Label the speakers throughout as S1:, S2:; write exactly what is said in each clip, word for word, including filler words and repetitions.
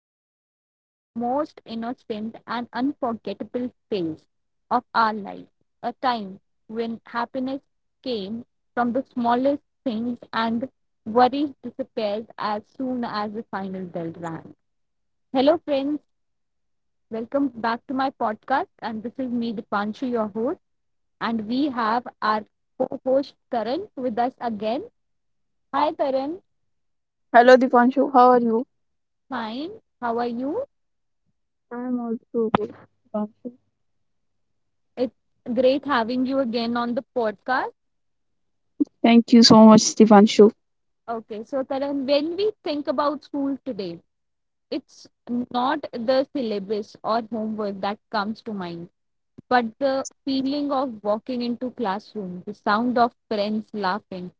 S1: probably the most innocent and unforgettable phase of our life, a time when happiness came from the smallest things and worries disappeared as soon as the final bell rang. Hello, friends. Welcome back to my podcast. And this is me, Dipanshu, your host. And we have our co host, Karan, with us again. Hi, Karan.
S2: Hello, Dipanshu. How are you?
S1: Fine. How are you?
S2: I'm also good. Dipanshu.
S1: It's great having you again on the podcast.
S2: Thank you so much, Dipanshu.
S1: Okay, so Karan, when we think about school today, it's not the syllabus or homework that comes to mind, but the feeling of walking into classroom, the sound of friends laughing,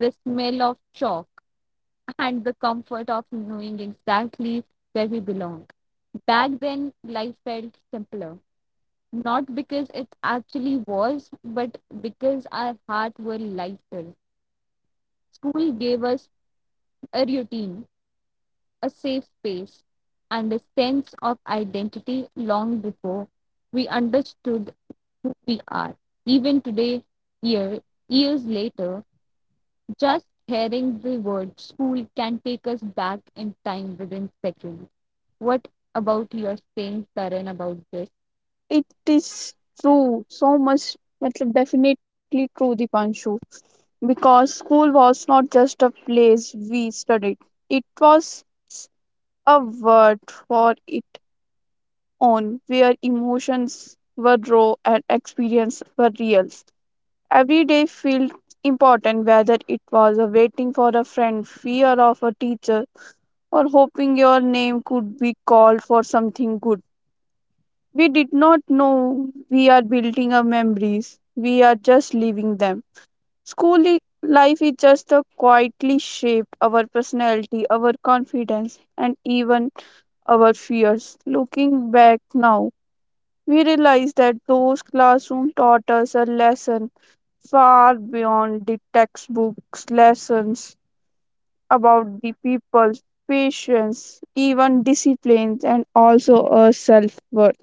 S1: the smell of chalk, and the comfort of knowing exactly where we belong. Back then, life felt simpler, not because it actually was, but because our hearts were lighter. School gave us a routine, a safe space, and a sense of identity long before we understood who we are. Even today, year, years later, just hearing the word school can take us back in time within seconds. What about your saying, Karan, about this?
S2: It is true, so much, matlab, definitely true, Dipanshu. Because school was not just a place we studied, it was a world for its own, where emotions were raw and experiences were real. Every day felt important, whether it was a waiting for a friend, fear of a teacher, or hoping your name could be called for something good. We did not know we are building our memories, we are just leaving them. School i- life is just the quietly shaped our personality, our confidence, and even our fears. Looking back now, we realize that those classrooms taught us a lesson far beyond the textbooks lessons about the people's patience, even disciplines, and also a self worth.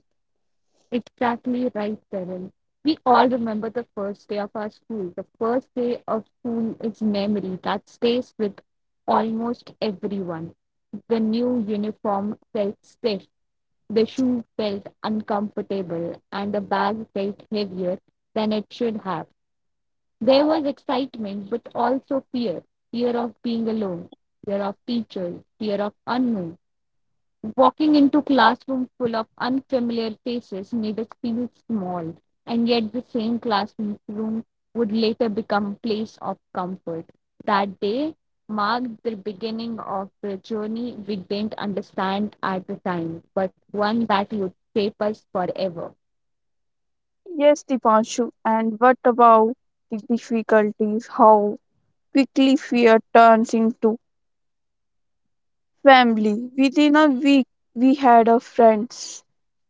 S1: Exactly right, Carol. We all remember the first day of our school. The first day of school is memory that stays with almost everyone. The new uniform felt stiff, the shoe felt uncomfortable, and the bag felt heavier than it should have. There was excitement, but also fear, fear of being alone, fear of teachers, fear of unknown. Walking into classroom full of unfamiliar faces made us feel small, and yet the same classroom would later become a place of comfort. That day marked the beginning of the journey we didn't understand at the time, but one that would shape us forever.
S2: Yes, Dipanshu, and what about the difficulties? How quickly fear turns into family. Within a week, we had a friends,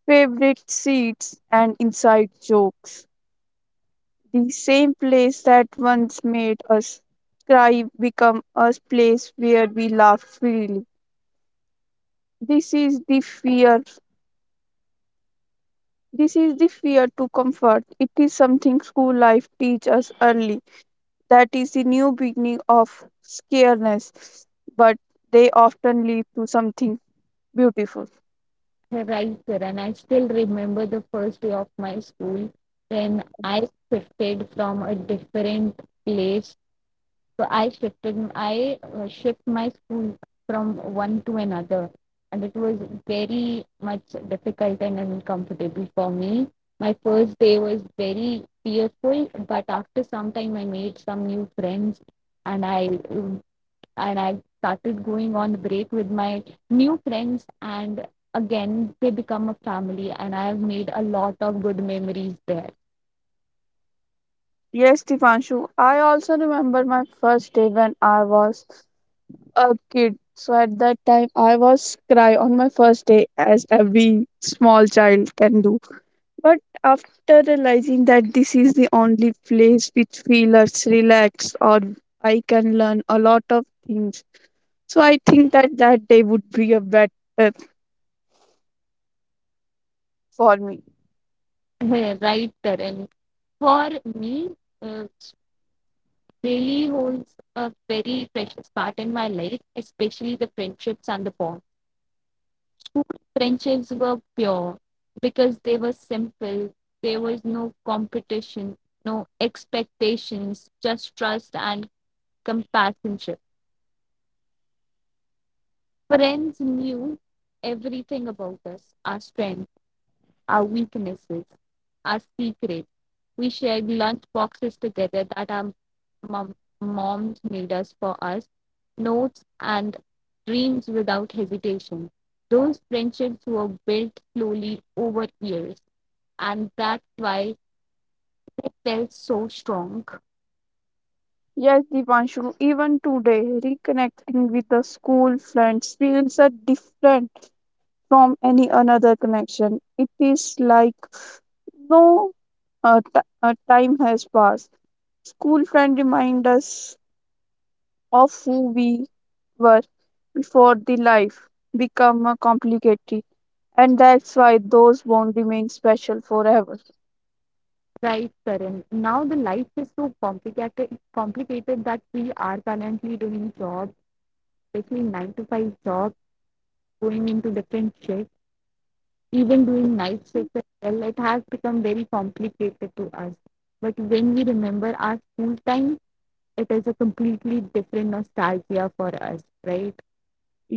S2: favorite seats, and inside jokes. The same place that once made us cry become a place where we laugh freely. This is the fear. This is the fear to comfort. It is something school life teaches us early. That is the new beginning of scareness, but they often lead to something beautiful.
S1: Right, sir, and I still remember the first day of my school when I shifted from a different place. So I shifted, I uh, shift my school from one to another, and it was very much difficult and uncomfortable for me. My first day was very fearful, but after some time, I made some new friends, and I um, and I started going on break with my new friends, and again they become a family, and I have made a lot of good memories there.
S2: Yes, Dipanshu, I also remember my first day when I was a kid. So at that time, I was cry on my first day, as every small child can do. But after realizing that this is the only place which feels relaxed or I can learn a lot of things. So I think that that day would be a better for me.
S1: Right, Tarun. For me, uh, really holds a very precious part in my life, especially the friendships and the bonds. School friendships were pure because they were simple, there was no competition, no expectations, just trust and companionship. Friends knew everything about us, our strengths, our weaknesses, our secrets. We shared lunch boxes together that our mom, moms made us for us, notes and dreams without hesitation. Those friendships were built slowly over years, and that's why felt so strong.
S2: Yes, Divanshu, even today, reconnecting with the school friends feels a different from any another connection. It is like no uh, t- uh, time has passed. School friend remind us of who we were before the life become a complicated, and that's why those won't remain special forever.
S1: Right, Karan. Now the life is so complicated, complicated that we are currently doing jobs, especially nine to five jobs, going into different shifts, even doing night shifts as well. It has become very complicated to us. But when we remember our school time, it is a completely different nostalgia for us, right?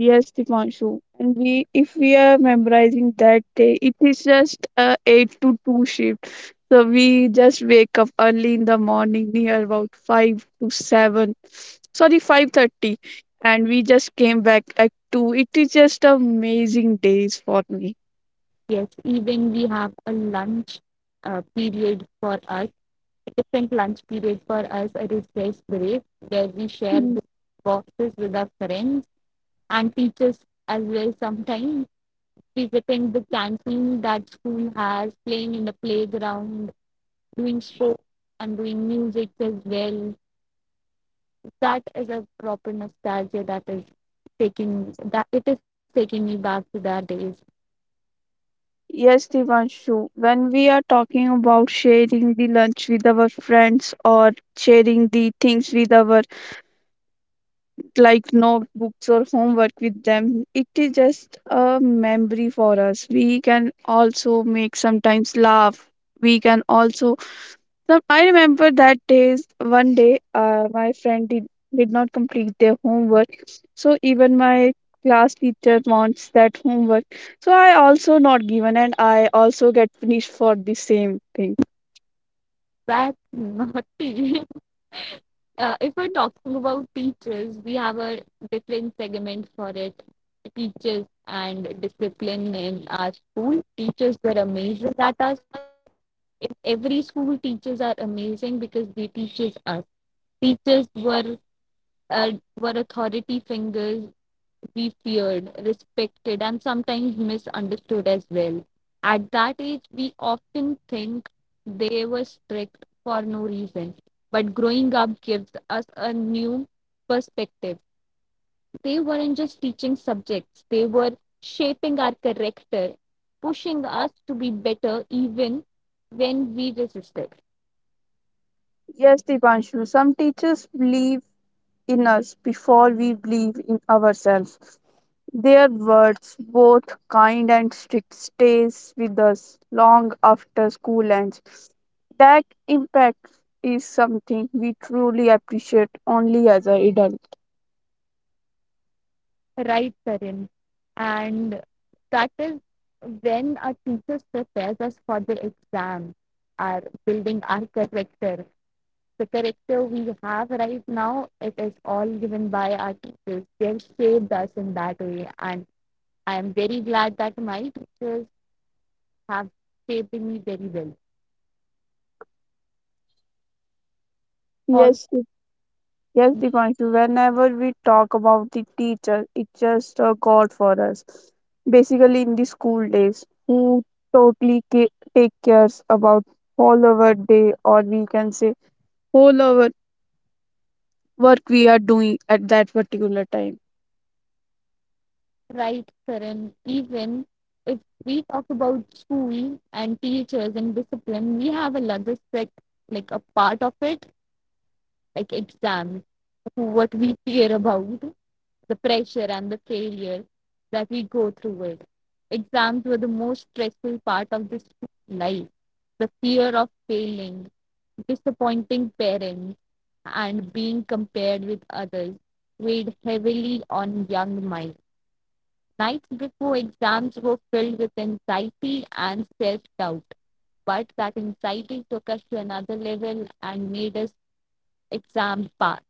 S2: Yes, Dipanshu, and we, if we are memorizing that day, it is just a eight to two shift. So we just wake up early in the morning near about five to seven, sorry, five thirty, and we just came back at two. It is just amazing days for me.
S1: Yes, even we have a lunch uh, period for us, a different lunch period for us, a recess break where we share the boxes with our friends and teachers as well, sometimes visiting the canteen that school has, playing in the playground, doing shows and doing music as well. That is a proper nostalgia that is taking that it is taking me back to that days.
S2: Yes, Devanshu, when we are talking about sharing the lunch with our friends or sharing the things with our like notebooks or homework with them, it is just a memory for us. We can also make sometimes laugh. We can also, so I remember that days. One day, uh, my friend did, did not complete their homework. So even my class teacher wants that homework. So I also not given, and I also get punished for the same thing.
S1: Back not. uh, if we're talking about teachers, we have a different segment for it. Teachers and discipline in our school. Teachers were amazing at us. In every school, teachers are amazing because they teaches us. Teachers were uh, were authority fingers, be feared, respected, and sometimes misunderstood as well. At that age, we often think they were strict for no reason, but growing up gives us a new perspective. They weren't just teaching subjects, they were shaping our character, pushing us to be better even when we resisted.
S2: Yes, Dipanshu, some teachers believe in us before we believe in ourselves. Their words, both kind and strict, stays with us long after school ends. That impact is something we truly appreciate only as an adult.
S1: Right, Karan. And that is when our teachers prepares us for the exam, are building our character. The character we have right now, it is all given by our teachers. They have shaped us in that way. And I am very glad that my teachers have shaped me very well. Also,
S2: Yes, it- yes, Dipanshu. Whenever we talk about the teacher, it's just a god for us. Basically, in the school days, who totally ca- take cares about all our day, or we can say all our work we are doing at that particular time.
S1: right, Karan, even if we talk about school and teachers and discipline, we have another sec like a part of it, like exams, what we fear about, the pressure and the failure that we go through it. Exams were the most stressful part of this life. The fear of failing, disappointing parents, and being compared with others weighed heavily on young minds. Nights before exams were filled with anxiety and self doubt, but that anxiety took us to another level and made us exam pass.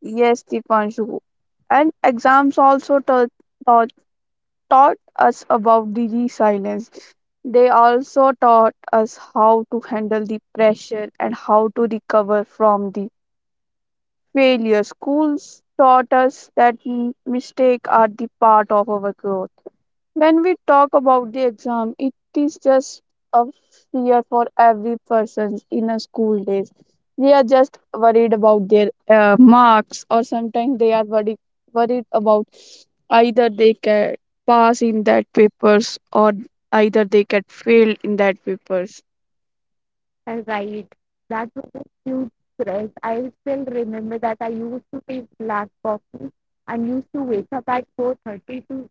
S2: Yes, Dipanshu. And exams also taught, taught, taught us about the resilience. They also taught us how to handle the pressure and how to recover from the failure. Schools taught us that m- mistakes are the part of our growth. When we talk about the exam, it is just a fear for every person in a school days. They are just worried about their uh, marks, or sometimes they are worried worried about either they can pass in that papers or either they get failed in that papers.
S1: Right. That was a huge stress. I still remember that I used to take black coffee and used to wake up at four thirty to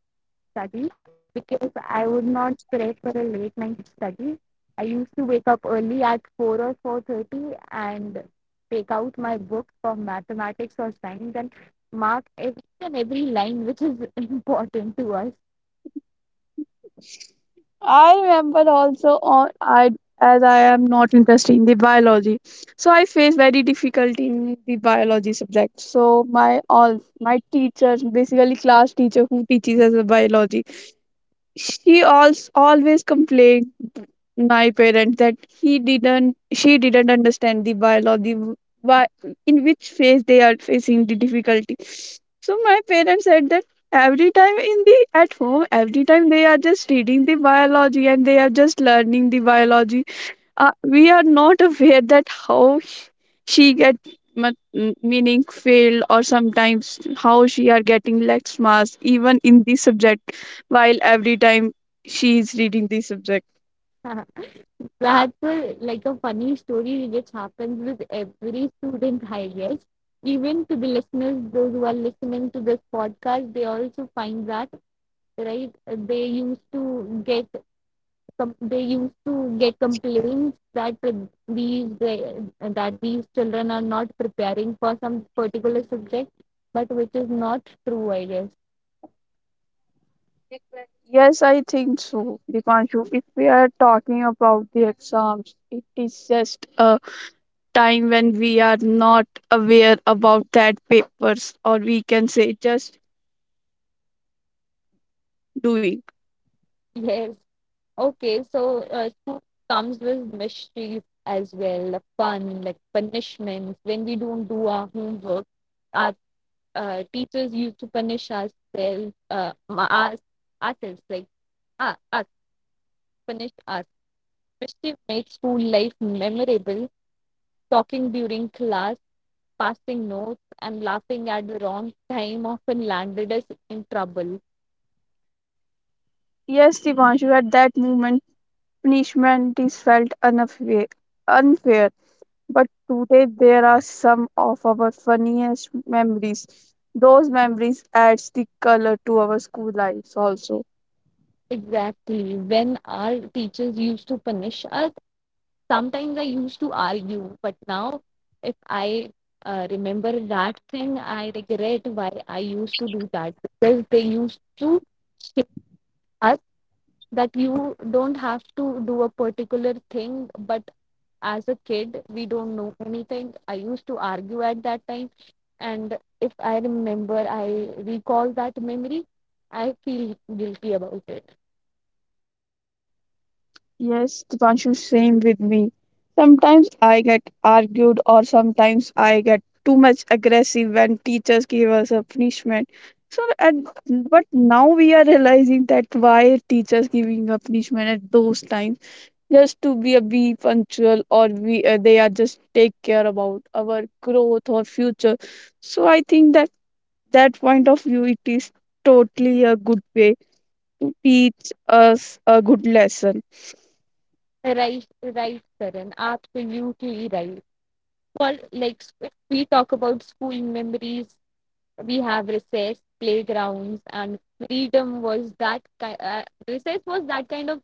S1: study because I would not prep for a late night study. I used to wake up early at four or four thirty and take out my books for mathematics or science and mark every and every line which is important to us.
S2: I remember also on I, as I am not interested biology, so I face very difficulty in the biology subject. So my all my teachers, basically class teacher who teaches us the biology, she also always complained my parents that he didn't she didn't understand the biology, why, in which phase they are facing the difficulty. So my parents said that every time in the at home every time they are just reading the biology and they are just learning the biology. Uh, we are not aware that how sh- she get ma- m- meaning failed or sometimes how she are getting less marks even in the subject while every time she is reading the subject.
S1: Radhpur, like a funny story which happens with every student, I guess. Even to the listeners, those who are listening to this podcast, they also find that, right? They used to get com- they used to get complaints that these that these children are not preparing for some particular subject, but which is not true, I guess.
S2: Yes, I think so, Dipanshu. If we are talking about the exams, it is just a time when we are not aware about that papers, or we can say just doing.
S1: Yes. Okay, so uh, school comes with mischief as well, fun, like punishments. When we don't do our homework, our uh, teachers used to punish ourselves, uh, ma- us, ourselves, like uh, us, punish us. Mischief makes school life memorable. Talking during class, passing notes, and laughing at the wrong time often landed us in trouble.
S2: Yes, Dipanshu, at that moment punishment is felt unfair, unfair, but today there are some of our funniest memories. Those memories adds the color to our school lives also.
S1: Exactly. When our teachers used to punish us, sometimes I used to argue, but now if I uh, remember that thing, I regret why I used to do that because they used to shape us that you don't have to do a particular thing, but as a kid, we don't know anything. I used to argue at that time, and if I remember, I recall that memory, I feel guilty about it.
S2: Yes, Dipanshu, same with me. Sometimes I get argued or sometimes I get too much aggressive when teachers give us a punishment. So at, but now we are realizing that why teachers giving a punishment at those times, just to be a be punctual, or we, uh, they are just take care about our growth or future. So I think that that point of view, it is totally a good way to teach us a good lesson.
S1: Right, right, Karan. Absolutely right. Well, like if we talk about school memories, we have recess, playgrounds, and freedom was that ki- uh, recess was that kind of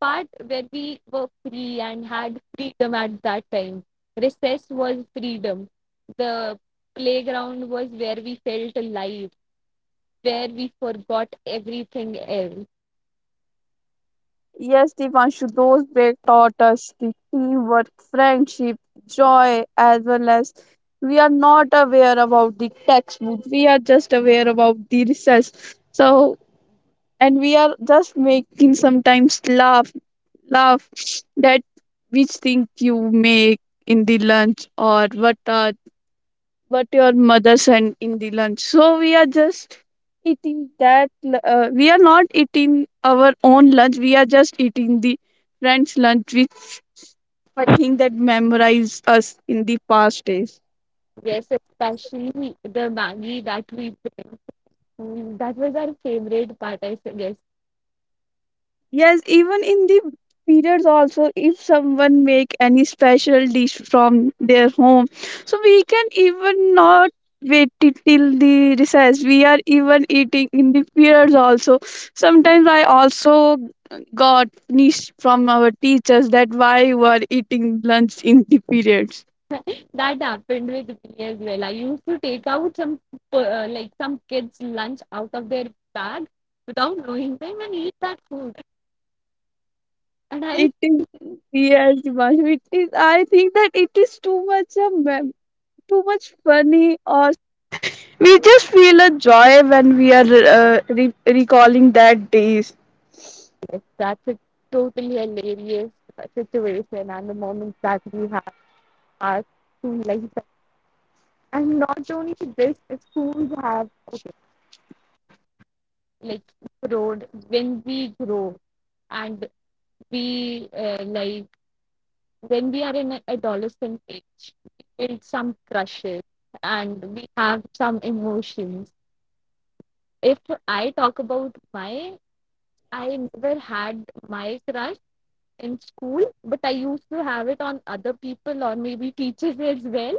S1: part where we were free and had freedom at that time. Recess was freedom. The playground was where we felt alive, where we forgot everything else.
S2: Yes, Divanshu, those break taught us the teamwork, friendship, joy, as well as we are not aware about the textbook, we are just aware about the recess. So, and we are just making sometimes laugh. Love that, which thing you make in the lunch, or what uh, what your mother sent in the lunch. So we are just eating that. L- Uh, we are not eating our own lunch. We are just eating the friends' lunch, which I think that memorized us in the past days.
S1: Yes, especially the Maggie that we Mm, That was our favorite part, I guess.
S2: Yes, even in the periods also, if someone make any special dish from their home, so we can even not wait ti- till the recess. We are even eating in the periods also. Sometimes I also got niche from our teachers that why you are eating lunch in the periods.
S1: That happened with me as well. I used to take out some, p- uh, like some kids' lunch out of their bag without knowing them and eat that food. And I,
S2: It is, yes, Dimash, it is. I think that it is too much a mem- too
S1: that's a totally hilarious uh, situation. And the moments that we have our school life, and not only this, schools have okay, like grown when we grow and we uh, like when we are in adolescent age, we build some crushes and we have some emotions. If I talk about my, I never had my crush in school, but I used to have it on other people or maybe teachers as well.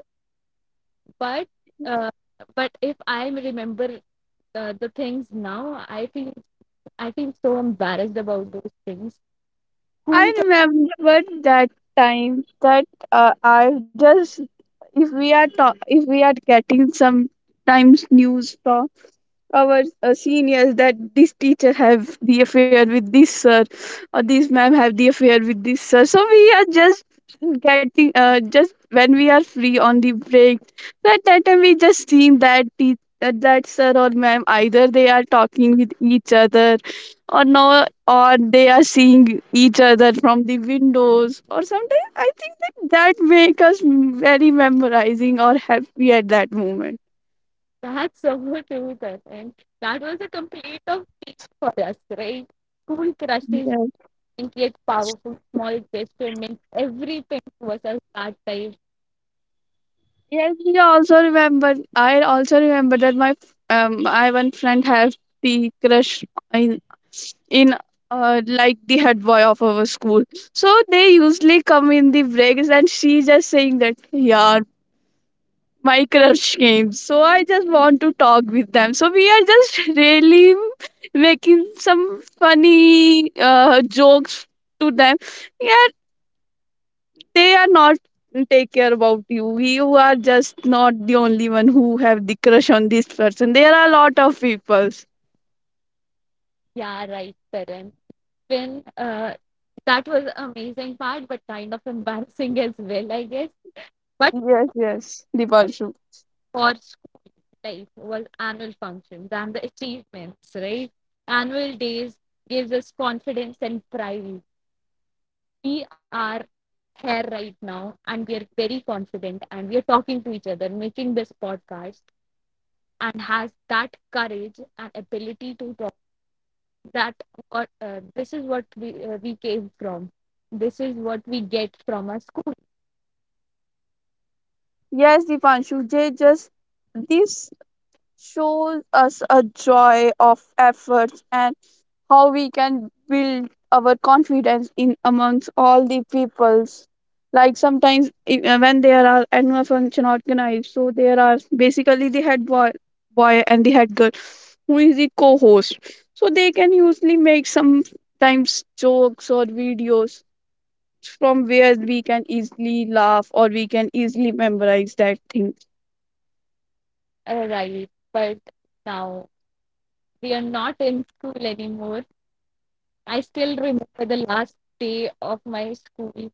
S1: But uh, but if I remember the, the things now, I think I feel so embarrassed about those things. School.
S2: I remember that time that, uh, I just, if we are ta- if we are getting some times news from our uh, seniors that this teacher have the affair with this sir or this ma'am have the affair with this sir. So we are just getting uh, just when we are free on the break. So at that time we just seen that teacher, that that sir or ma'am, either they are talking with each other or no, or they are seeing each other from the windows, or sometimes I think that that make us very memorizing or happy at that moment.
S1: That's so true with us. And that was a complete of for us, right? School crushes
S2: Yeah.
S1: and yet powerful small gesture meant everything was us at that time.
S2: Yes, we also remember. I also remember that my f- um, I one friend has the crush in in uh, like the head boy of our school. So they usually come in the breaks, and she's just saying that, "Yeah, my crush came." So I just want to talk with them. So we are just really making some funny uh, jokes to them. Yeah, they are not, mm, take care about you you are just not the only one who have the crush on this person. There are a lot of people.
S1: Yeah, right, Karan. Win. Uh, that was amazing part, but kind of embarrassing as well, I guess. But
S2: Yes yes
S1: part
S2: Dipanshu.
S1: for school life was annual functions and the achievements, right? Annual days gives us confidence and pride. We are here right now, and we are very confident, and we are talking to each other, making this podcast, and has that courage and ability to talk. That what uh, this is what we uh, we came from. This is what we get from our school
S2: Yes, Dipanshu, they just, this shows us a joy of efforts and how we can our confidence in amongst all the peoples. Like sometimes, i- uh, when there are annual function organized, so there are basically the head boy boy and the head girl who is the co-host. So they can usually make sometimes jokes or videos from where we can easily laugh or we can easily memorize that thing.
S1: Uh, Right, but now we are not in school anymore. I still remember the last day of my school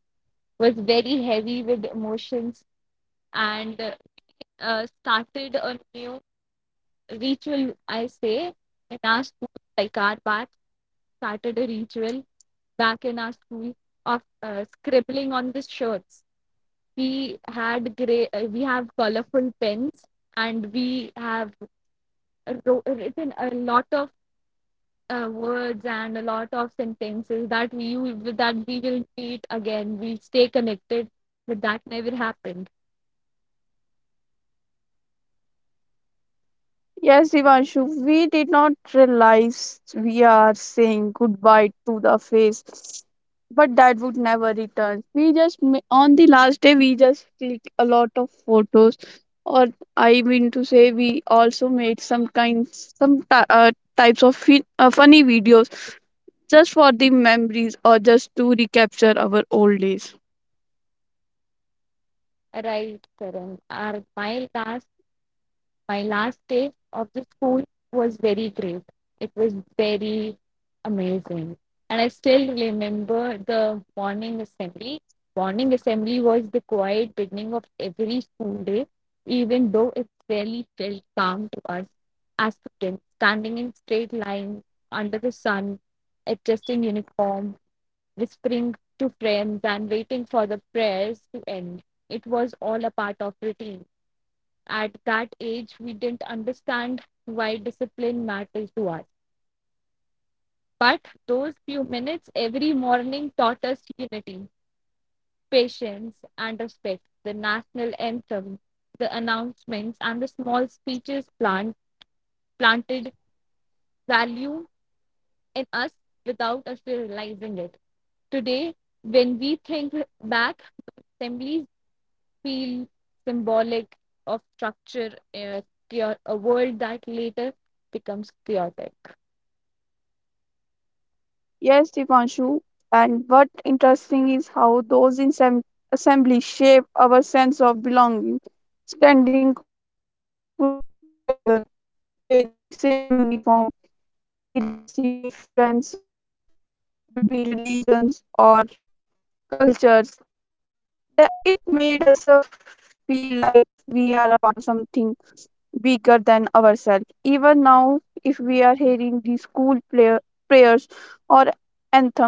S1: was very heavy with emotions and uh, started a new ritual, I say, in our school, like our batch started a ritual back in our school of uh, scribbling on the shirts. We had gray, uh, we have colorful pens and we have wrote, written a lot of uh, words and a lot of sentences that we that we will meet again. We'll stay connected, but that never happened.
S2: Yes, Devanshu, we did not realize we are saying goodbye to the face, but that would return. We just, ma- on the last day, we just clicked a lot of photos, or I mean to say, we also made some kinds, some ty- uh, types of fi- uh, funny videos just for the memories or just to recapture our old days.
S1: Right, Karan. Our my last My last day of the school was very great. It was very amazing. And I still remember the morning assembly. Morning assembly was the quiet beginning of every school day, even though it rarely felt calm to us as students, standing in straight lines under the sun, adjusting uniform, whispering to friends, and waiting for the prayers to end. It was all a part of routine. At that age, we didn't understand why discipline matters to us, but those few minutes every morning taught us unity, patience, and respect. The national anthem, the announcements, and the small speeches plant, planted value in us without us realizing it. Today, when we think back, assemblies feel symbolic of structure, uh, a world that later becomes chaotic.
S2: Yes, Dipanshu. And what interesting is how those in sem- assembly shape our sense of belonging. Standing co- together, wearing the same uniform, erase the difference between religions or cultures. That it made us a f- feel like we are a part of something bigger than ourselves. Even now, if we are hearing the school player prayers or anthem,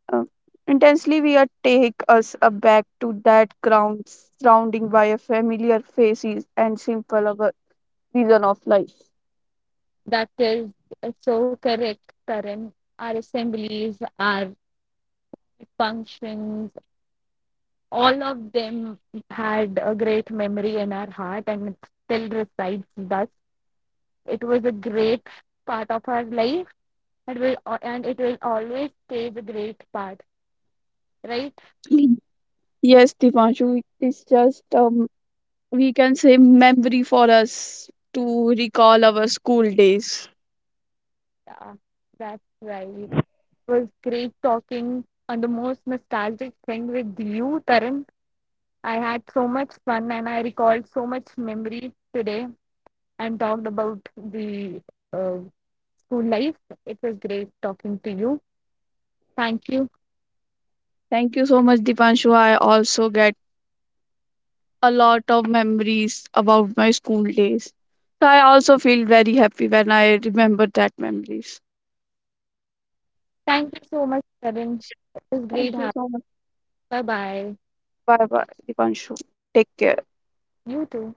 S2: Uh, intensely we are take us aback to that ground surrounding by a familiar faces and simple of a reason of life.
S1: That is uh, so correct, Karan. Our assemblies, our functions, all of them had a great memory in our heart and it still resides with us. It was a great part of our life, and, will, al- and it will always stay the great part, right?
S2: Mm. Yes, Dipanshu, it's just um, we can say memory for us to recall our school days.
S1: Yeah, that's right. It was great talking on the most nostalgic thing with you, Karan. I had so much fun and I recalled so much memory today and talked about the uh, school life. It was great talking to you. Thank you.
S2: Thank you so much, Dipanshu. I also get a lot of memories about my school days. So I also feel very happy when I remember that memories.
S1: Thank you so much, Karan. It was great.
S2: Thank you
S1: having
S2: so much.
S1: you. Bye bye.
S2: Bye bye, Dipanshu. Take care.
S1: You too.